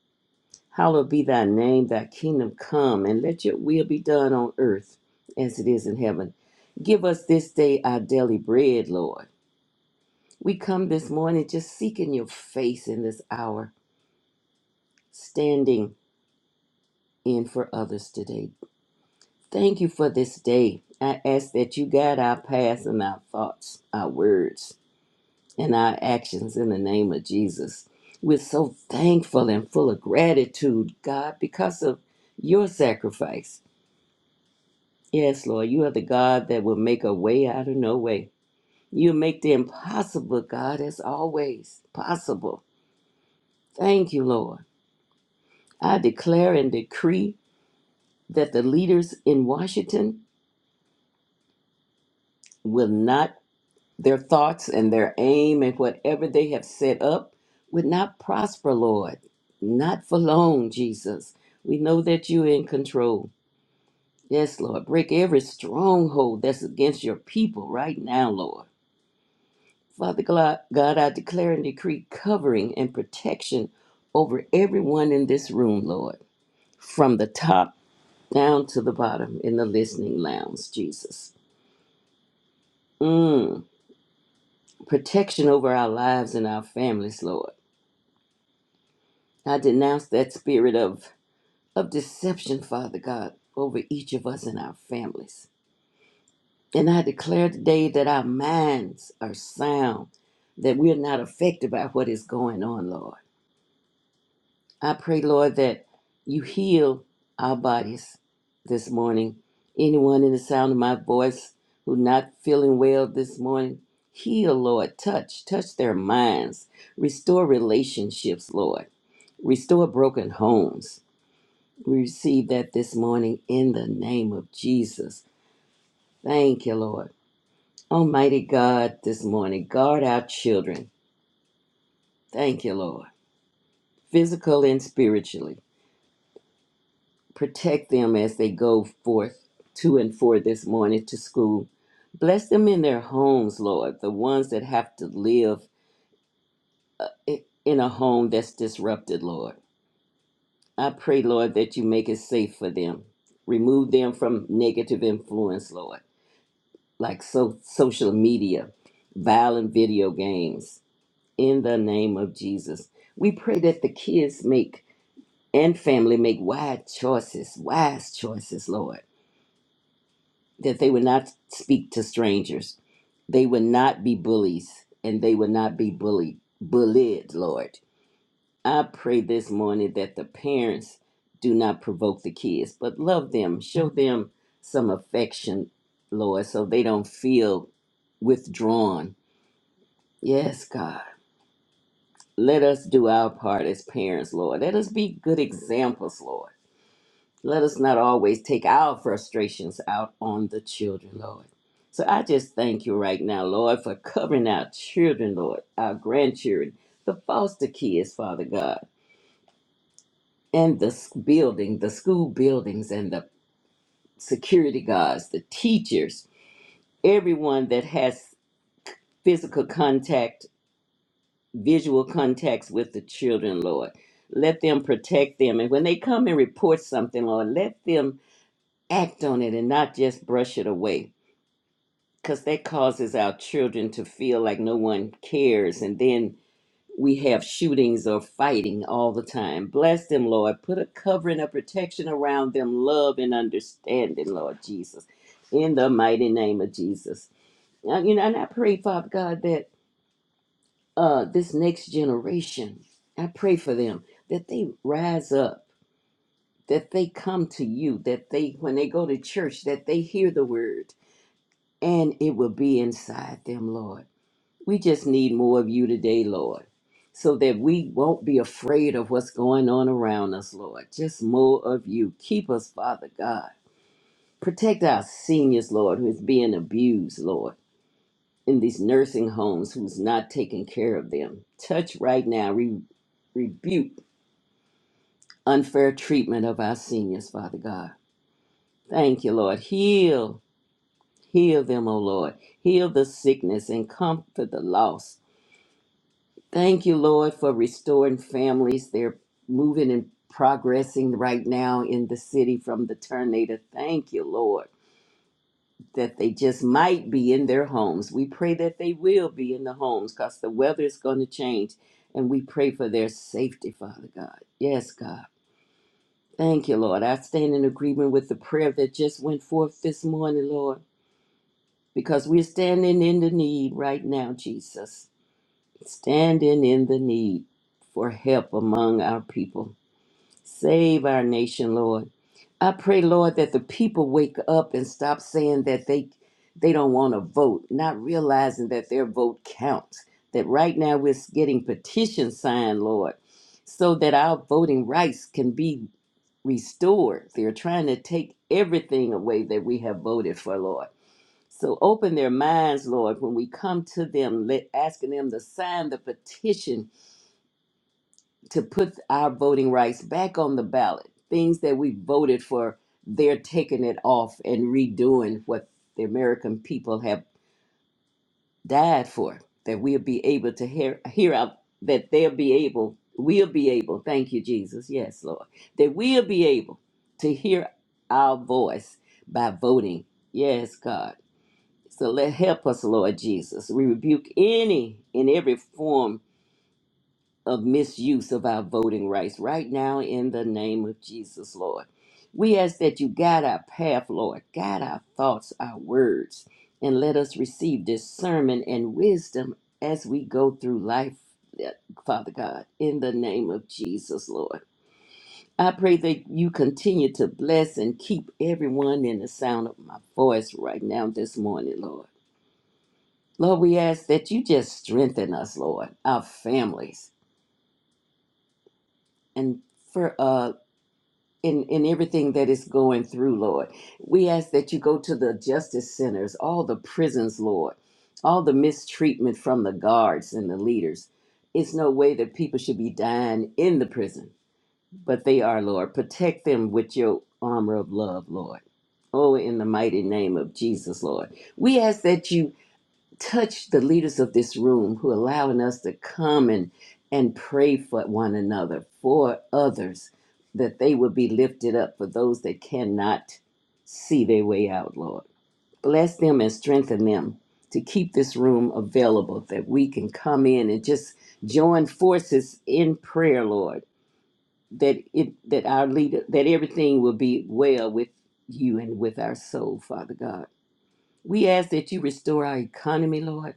Hallowed be thy name, thy kingdom come, and let your will be done on earth as it is in heaven. Give us this day our daily bread, Lord. We come this morning just seeking your face in this hour, standing in for others today. Thank you for this day. I ask that you guide our paths and our thoughts, our words, and our actions in the name of Jesus. We're so thankful and full of gratitude, God, because of your sacrifice Yes, Lord, you are the God that will make a way out of no way. You make the impossible, God, as always possible. Thank you, Lord. I declare and decree that the leaders in Washington will not, their thoughts and their aim and whatever they have set up would not prosper, Lord. Not for long, Jesus. We know that you're in control. Yes, Lord. Break every stronghold that's against your people right now, Lord. Father Gla- God, I declare and decree covering and protection over everyone in this room, Lord, from the top down to the bottom in the listening lounge, Jesus. Mm, protection over our lives and our families, Lord. I denounce that spirit of, of deception, Father God, over each of us and our families. And I declare today that our minds are sound, that we're not affected by what is going on, Lord. I pray, Lord, that you heal our bodies this morning. Anyone in the sound of my voice who not feeling well this morning, heal, Lord. Touch, touch their minds. Restore relationships, Lord. Restore broken homes. We receive that this morning in the name of Jesus. Thank you, Lord. Almighty God, this morning, guard our children. Thank you, Lord. Physical and spiritually. Protect them as they go forth to and for this morning to school. Bless them in their homes, Lord, the ones that have to live i- in a home that's disrupted, Lord. I pray, Lord, that you make it safe for them. Remove them from negative influence, Lord, like so- social media, violent video games. In the name of Jesus, we pray that the kids make and family make wise choices, wise choices, Lord that they would not speak to strangers. They would not be bullies and they would not be bullied, bullied, Lord. I pray this morning that the parents do not provoke the kids, but love them, show them some affection, Lord, so they don't feel withdrawn. Yes, God. Let us do our part as parents, Lord. Let us be good examples, Lord Let us not always take our frustrations out on the children, Lord. So I just thank you right now, Lord, for covering our children, Lord, our grandchildren, the foster kids, Father God, and the s- building, the school buildings, and the security guards, the teachers, everyone that has physical contact, visual contacts with the children, Lord. Let them protect them. And when they come and report something, Lord, let them act on it and not just brush it away. because that causes our children to feel like no one cares. And then we have shootings or fighting all the time. Bless them, Lord. Put a covering of protection around them, love and understanding, Lord Jesus, in the mighty name of Jesus. And, you know, and I pray, Father God, that uh, this next generation, I pray for them that they rise up, that they come to you, that they, when they go to church, that they hear the word and it will be inside them, Lord We just need more of you today, Lord, so that we won't be afraid of what's going on around us, Lord. Just more of you. Keep us, Father God. Protect our seniors, Lord, who's being abused, Lord, in these nursing homes, who's not taking care of them. Touch right now. Re- rebuke unfair treatment of our seniors, Father God. Thank you, Lord. Heal. Heal them, O Lord. Heal the sickness and comfort the lost Thank you, Lord, for restoring families. They're moving and progressing right now in the city from the tornado. Thank you, Lord, that they just might be in their homes. We pray that they will be in the homes because the weather is going to change. And we pray for their safety, Father God. Yes, God. Thank you, Lord. I stand in agreement with the prayer that just went forth this morning, Lord, because we're standing in the need right now, Jesus. standing in the need for help among our people. Save our nation, Lord. I pray, Lord, that the people wake up and stop saying that they they don't want to vote, not realizing that their vote counts. That right now we're getting petitions signed, Lord, so that our voting rights can be restored. They're trying to take everything away that we have voted for, Lord. So open their minds, Lord, when we come to them, let, asking them to sign the petition to put our voting rights back on the ballot. Things that we voted for, they're taking it off and redoing what the American people have died for. That we'll be able to hear, hear out, that they'll be able, we'll be able, thank you, Jesus, yes, Lord, that we'll be able to hear our voice by voting. Yes, God. So let help us, Lord Jesus. We rebuke any and every form of misuse of our voting rights right now in the name of Jesus, Lord. We ask that you guide our path, Lord, guide our thoughts, our words, and let us receive discernment and wisdom as we go through life, eh, Father God, in the name of Jesus, Lord. I pray that you continue to bless and keep everyone in the sound of my voice right now this morning, Lord. Lord, we ask that you just strengthen us, Lord, our families, and for uh in in everything that is going through, Lord. We ask that you go to the justice centers, all the prisons, Lord, all the mistreatment from the guards and the leaders. It's no way that people should be dying in the prison, but they are, Lord. Protect them with your armor of love, Lord. Oh, in the mighty name of Jesus, Lord. We ask that you touch the leaders of this room who are allowing us to come and and pray for one another for others that they would be lifted up for those that cannot see their way out lord bless them and strengthen them to keep this room available that we can come in and just join forces in prayer lord that it that our leader that everything will be well with you and with our soul father god we ask that you restore our economy lord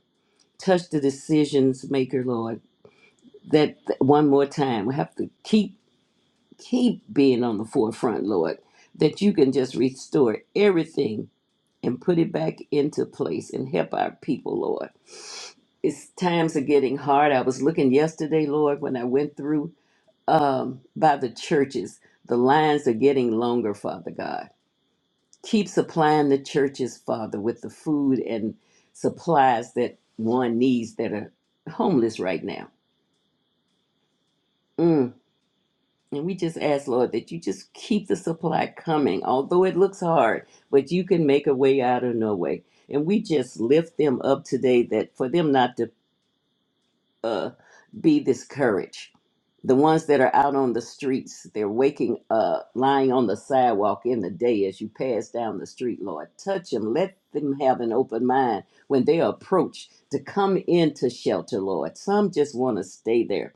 touch the decisions maker, Lord. That that one more time, we have to keep keep being on the forefront, Lord. That you can just restore everything and put it back into place and help our people, Lord. It's times are getting hard. I was looking yesterday, Lord, when I went through um, by the churches. The lines are getting longer, Father God. Keep supplying the churches, Father, with the food and supplies that one needs that are homeless right now. Mm. And we just ask, Lord, that you just keep the supply coming, although it looks hard, but you can make a way out of no way. And we just lift them up today that for them not to uh, be discouraged. The ones that are out on the streets, they're waking up, lying on the sidewalk in the day as you pass down the street, Lord. Touch them. Let them have an open mind when they are approached to come into shelter, Lord. Some just want to stay there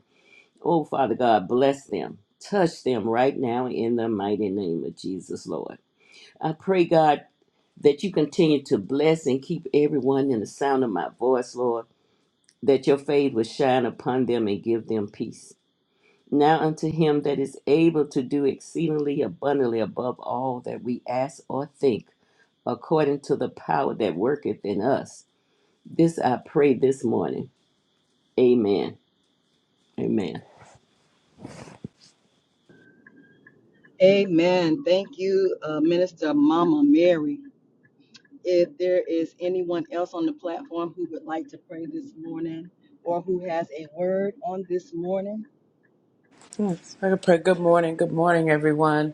Oh, Father God, bless them. Touch them right now in the mighty name of Jesus, Lord. I pray, God, that you continue to bless and keep everyone in the sound of my voice, Lord, that your fade will shine upon them and give them peace. Now unto him that is able to do exceedingly abundantly above all that we ask or think, according to the power that worketh in us. This I pray this morning. Amen. Amen. Amen. Thank you, uh, Minister Mama Mary. If there is anyone else on the platform who would like to pray this morning or who has a word on this morning, Yes, I can pray. Good morning. Good morning, everyone.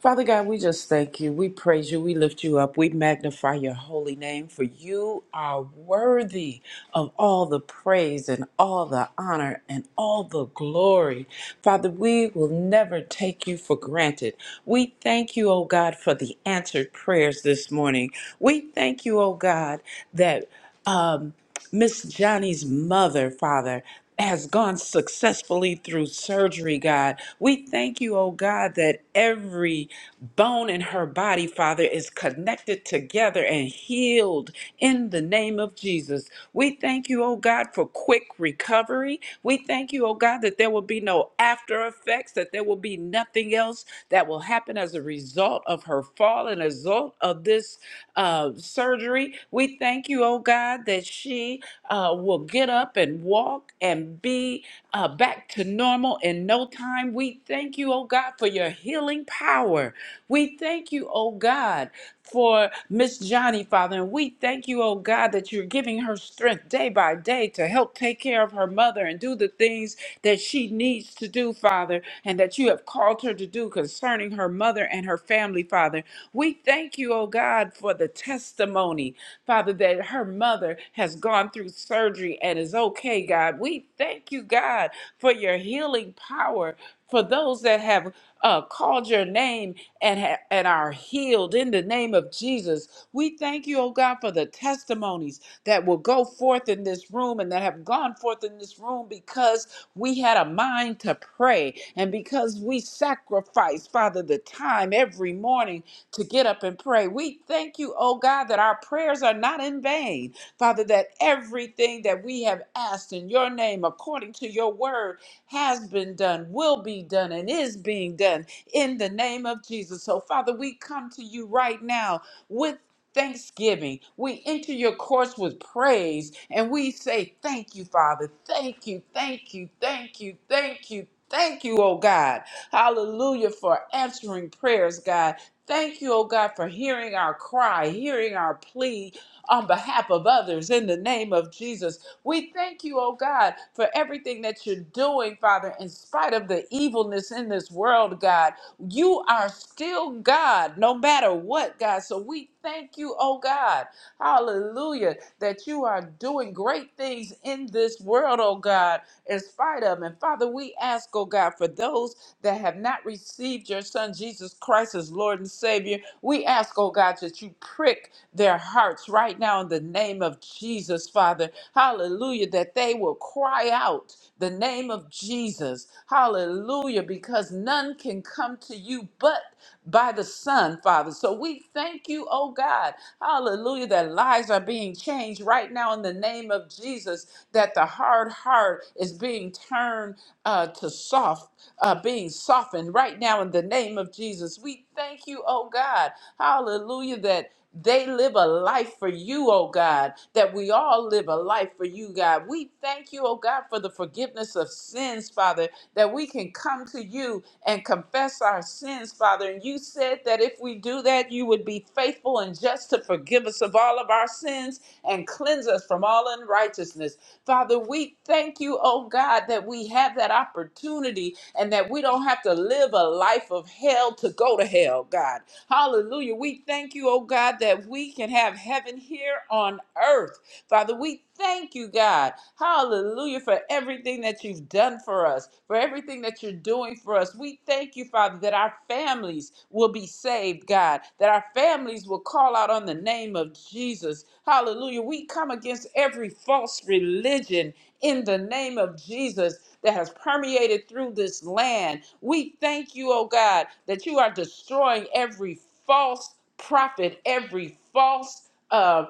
Father God, we just thank you. We praise you. We lift you up. We magnify your holy name, for you are worthy of all the praise and all the honor and all the glory. Father, we will never take you for granted. We thank you, oh God, for the answered prayers this morning. We thank you, oh God, that. Um, Miss Johnny's mother, Father, has gone successfully through surgery, God. We thank you, oh God, that every bone in her body, Father, is connected together and healed in the name of Jesus. We thank you, oh God, for quick recovery. We thank you, oh God, that there will be no after effects, that there will be nothing else that will happen as a result of her fall and as a result of this uh, surgery. We thank you, oh God, that she uh, will get up and walk and be uh, back to normal in no time. We thank you, oh God, for your healing power we thank you, oh God, for Miss Johnny, Father. And we thank you, oh God, that you're giving her strength day by day to help take care of her mother and do the things that she needs to do, Father, and that you have called her to do concerning her mother and her family, Father. We thank you, oh God, for the testimony, Father, that her mother has gone through surgery and is okay, God. We thank you, God, for your healing power for those that have uh, called your name and, ha- and are healed in the name of Jesus. We thank you, oh God, for the testimonies that will go forth in this room and that have gone forth in this room because we had a mind to pray and because we sacrificed, Father, the time every morning to get up and pray. We thank you, oh God, that our prayers are not in vain, Father, that everything that we have asked in your name according to your word has been done, will be done, and is being done in the name of Jesus. So, Father, we come to you right now with thanksgiving. We enter your courts with praise and we say, Thank you, Father. Thank you, thank you, thank you, thank you. Thank you, oh God. Hallelujah for answering prayers, God. Thank you, oh God, for hearing our cry, hearing our plea on behalf of others in the name of Jesus. We thank you, oh God, for everything that you're doing, Father, in spite of the evilness in this world, God. You are still God, no matter what, God. So we thank you, oh God. Hallelujah, that you are doing great things in this world, oh God, in spite of. And Father, we ask, oh God, for those that have not received your Son, Jesus Christ, as Lord and Savior, we ask, oh God, that you prick their hearts right now in the name of Jesus, Father. Hallelujah. That they will cry out the name of Jesus. Hallelujah. Because none can come to you but by the Son, Father. So we thank you, oh God. Hallelujah. That lives are being changed right now in the name of Jesus. That the hard heart is being turned uh, to soft, uh, being softened right now in the name of Jesus. We thank you, oh God. Hallelujah. That they live a life for you, oh God, that we all live a life for you, God. We thank you, oh God, for the forgiveness of sins, Father, that we can come to you and confess our sins, Father. And you said that if we do that, you would be faithful and just to forgive us of all of our sins and cleanse us from all unrighteousness. Father, we thank you, oh God, that we have that opportunity and that we don't have to live a life of hell to go to hell, God. Hallelujah. We thank you, oh God, that we can have heaven here on earth. Father, we thank you, God. Hallelujah for everything that you've done for us, for everything that you're doing for us. We thank you, Father, that our families will be saved, God, that our families will call out on the name of Jesus. Hallelujah. We come against every false religion in the name of Jesus that has permeated through this land. We thank you, oh God, that you are destroying every false prophet, every false. uh,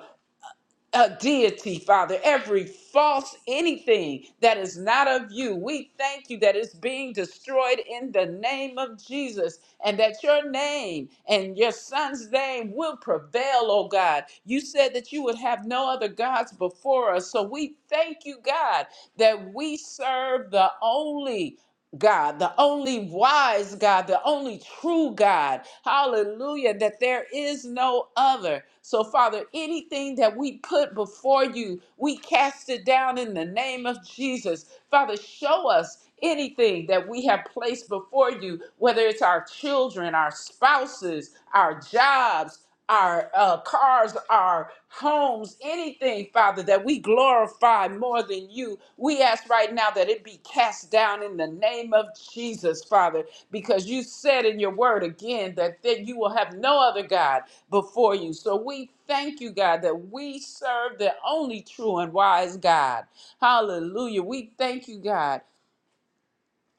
a deity, Father, every false anything that is not of you. We thank you that it's being destroyed in the name of Jesus and that your name and your son's name will prevail, oh God. You said that you would have no other gods before us. So we thank you, God, that we serve the only God, the only wise God, the only true God. Hallelujah, that there is no other. So, Father, anything that we put before you, we cast it down in the name of Jesus. Father, show us anything that we have placed before you, whether it's our children, our spouses, our jobs, our uh, cars, our homes, anything, Father, that we glorify more than you. We ask right now that it be cast down in the name of Jesus, Father, because you said in your word again that, that you will have no other God before you. So we thank you, God, that we serve the only true and wise God. Hallelujah. We thank you, God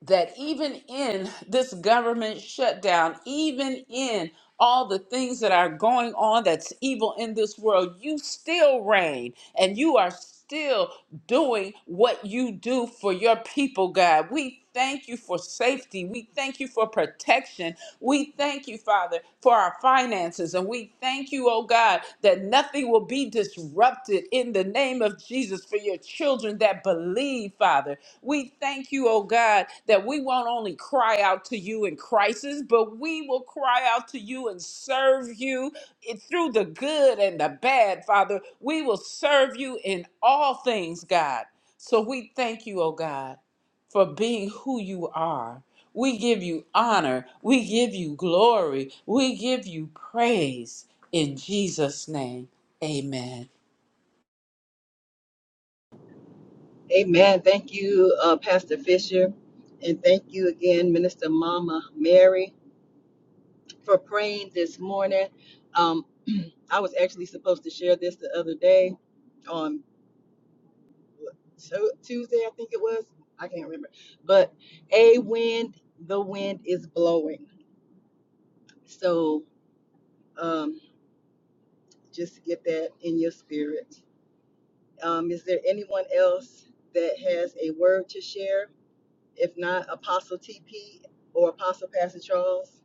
that even in this government shutdown, even in all the things that are going on that's evil in this world, you still reign and you are still doing what you do for your people, God. We thank you for safety. We thank you for protection. We thank you, Father, for our finances. And we thank you, oh God, that nothing will be disrupted in the name of Jesus for your children that believe believe, Father. We thank you, oh God, that we won't only cry out to you in crisis, but we will cry out to you and serve you it- through the good and the bad, Father. We will serve you in all things, God. So we thank you, oh God, for being who you are. We give you honor. We give you glory. We give you praise. In Jesus' name, amen. amen. Thank you, uh, Pastor Fisher. And thank you again, Minister Mama Mary. for praying this morning. Um, I was actually supposed to share this the other day on Tu- Tuesday, I think it was. I can't remember. But a wind, the wind is blowing. So um, just get that in your spirit. Um, is there anyone else that has a word to share? If not, Apostle TP or Apostle Pastor Charles?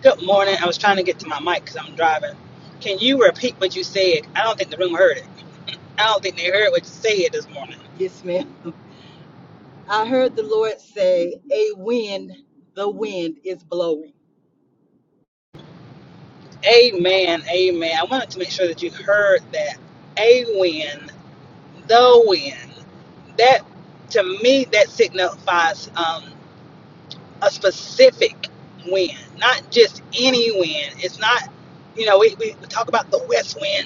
Good morning. I was trying to get to my mic because I'm driving. Can you repeat what you said? I don't think the room heard it. I don't think they heard what you said this morning. Yes, ma'am. I heard the Lord say, a wind, the wind is blowing. Amen. Amen. I wanted to make sure that you heard that. A win, the win. That, to me, that signifies um, a specific win, not just any win. It's not, you know, we, we talk about the West win.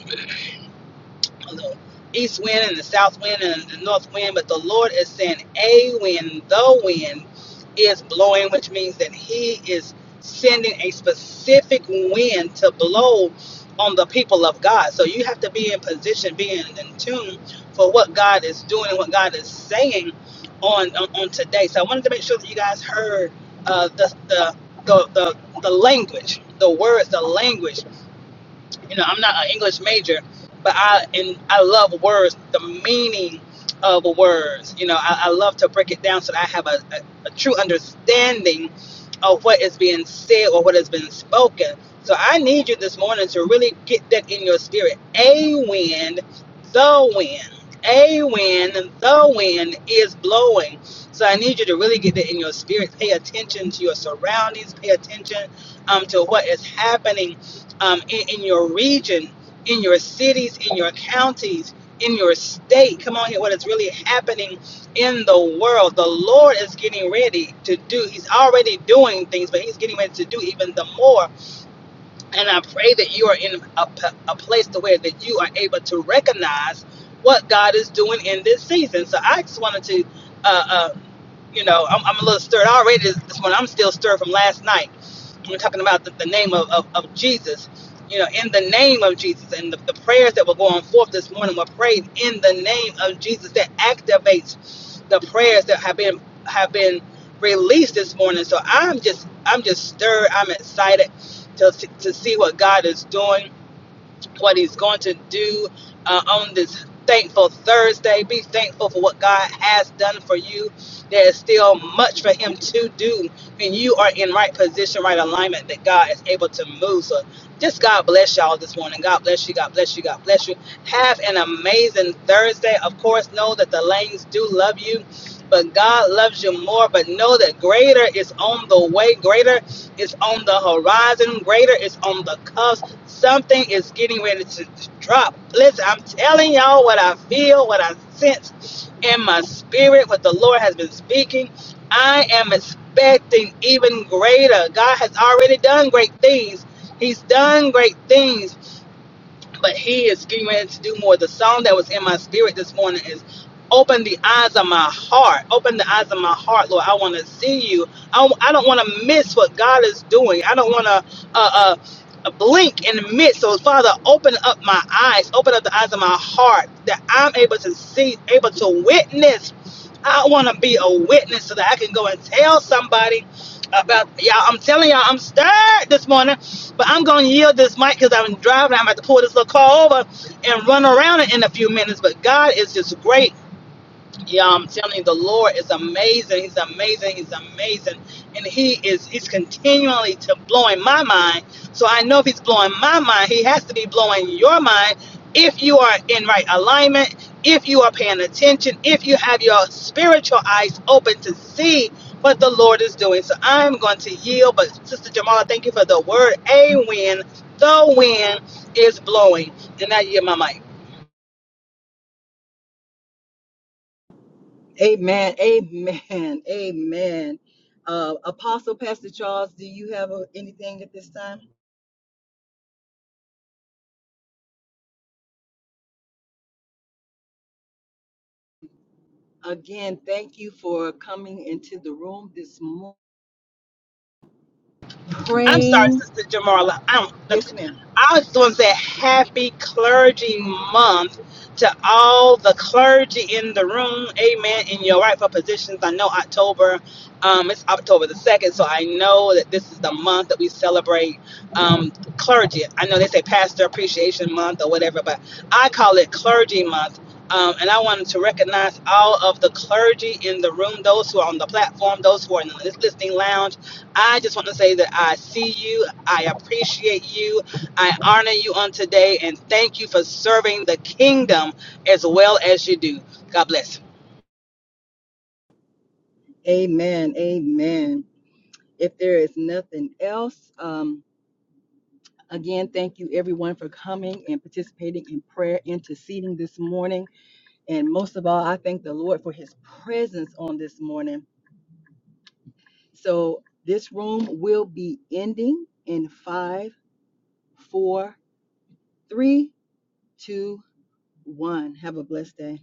the east wind and the south wind and the north wind, but the Lord is saying a wind, the wind is blowing, which means that He is sending a specific wind to blow on the people of God. So you have to be in position, being in, in tune for what God is doing and what God is saying on, on, on today. So I wanted to make sure that you guys heard uh, the, the, the, the, the language, the words, the language you know, I'm not an English major, but I and I love words, the meaning of words. You know, I, I love to break it down so that I have a, a, a true understanding of what is being said or what has been spoken. So I need you this morning to really get that in your spirit. A wind, the wind. A wind, the wind is blowing. So I need you to really get that in your spirit. Pay attention to your surroundings. Pay attention um, to what is happening um, in, in your region, in your cities, in your counties, in your state. Come on here, what is really happening in the world. The Lord is getting ready to do, He's already doing things, but He's getting ready to do even the more. And I pray that you are in a, p- a place to where that you are able to recognize what God is doing in this season. So I just wanted to, uh, uh, you know, I'm, I'm a little stirred already this, this morning. I'm still stirred from last night. We're talking about the, the name of, of, of Jesus, you know, in the name of Jesus. And the, the prayers that were going forth this morning were prayed in the name of Jesus that activates the prayers that have been have been released this morning. So I'm just I'm just stirred. I'm excited to, to see what God is doing, what He's going to do uh, on this thankful Thursday. Be thankful for what God has done for you. There is still much for Him to do when you are in right position, right alignment, that God is able to move. So just God bless y'all this morning. God bless you. God bless you. God bless you. Have an amazing Thursday. Of course, know that the lanes do love you. But God loves you more. But know that greater is on the way. Greater it's on the horizon. Greater is on the cusp. Something is getting ready to drop. Listen, I'm telling y'all what I feel, what I sense in my spirit, what the Lord has been speaking. I am expecting even greater. God has already done great things. He's done great things but he is getting ready to do more. The song that was in my spirit this morning is Open the eyes of my heart. Open the eyes of my heart, Lord. I want to see you. I, I don't want to miss what God is doing. I don't want to uh, uh, blink and miss. So, Father, open up my eyes. Open up the eyes of my heart that I'm able to see, able to witness. I want to be a witness so that I can go and tell somebody about y'all. I'm telling y'all, I'm stirred this morning. But I'm going to yield this mic because I'm driving. I'm about to pull this little car over and run around it in a few minutes. But God is just great yeah, I'm telling you, the Lord is amazing. He's amazing. He's amazing. And he is he's continually to blowing my mind. So I know if he's blowing my mind, he has to be blowing your mind if you are in right alignment, if you are paying attention, if you have your spiritual eyes open to see what the Lord is doing. So I'm going to yield. But Sister Jamala, thank you for the word. A win. The wind is blowing. And I yield my mic. Amen. Amen. Amen. Uh, Apostle Pastor Charles, do you have uh, anything at this time? Again, thank you for coming into the room this morning, I'm sorry, praying. Sister Jamarla. I'm, I just want to say happy clergy month to all the clergy in the room. Amen. In your rightful positions. I know October, um, it's October the 2nd, so I know that this is the month that we celebrate um, clergy. I know they say Pastor Appreciation Month or whatever, but I call it Clergy Month. Um, and I wanted to recognize all of the clergy in the room, those who are on the platform, those who are in the listening lounge I just want to say that I see you, I appreciate you, I honor you on today, and thank you for serving the kingdom as well as you do. God bless. Amen. Amen. If there is nothing else, um, again, thank you everyone for coming and participating in prayer, interceding this morning. And most of all, I thank the Lord for his presence on this morning. So this room will be ending in five, four, Three, two, one. Have a blessed day.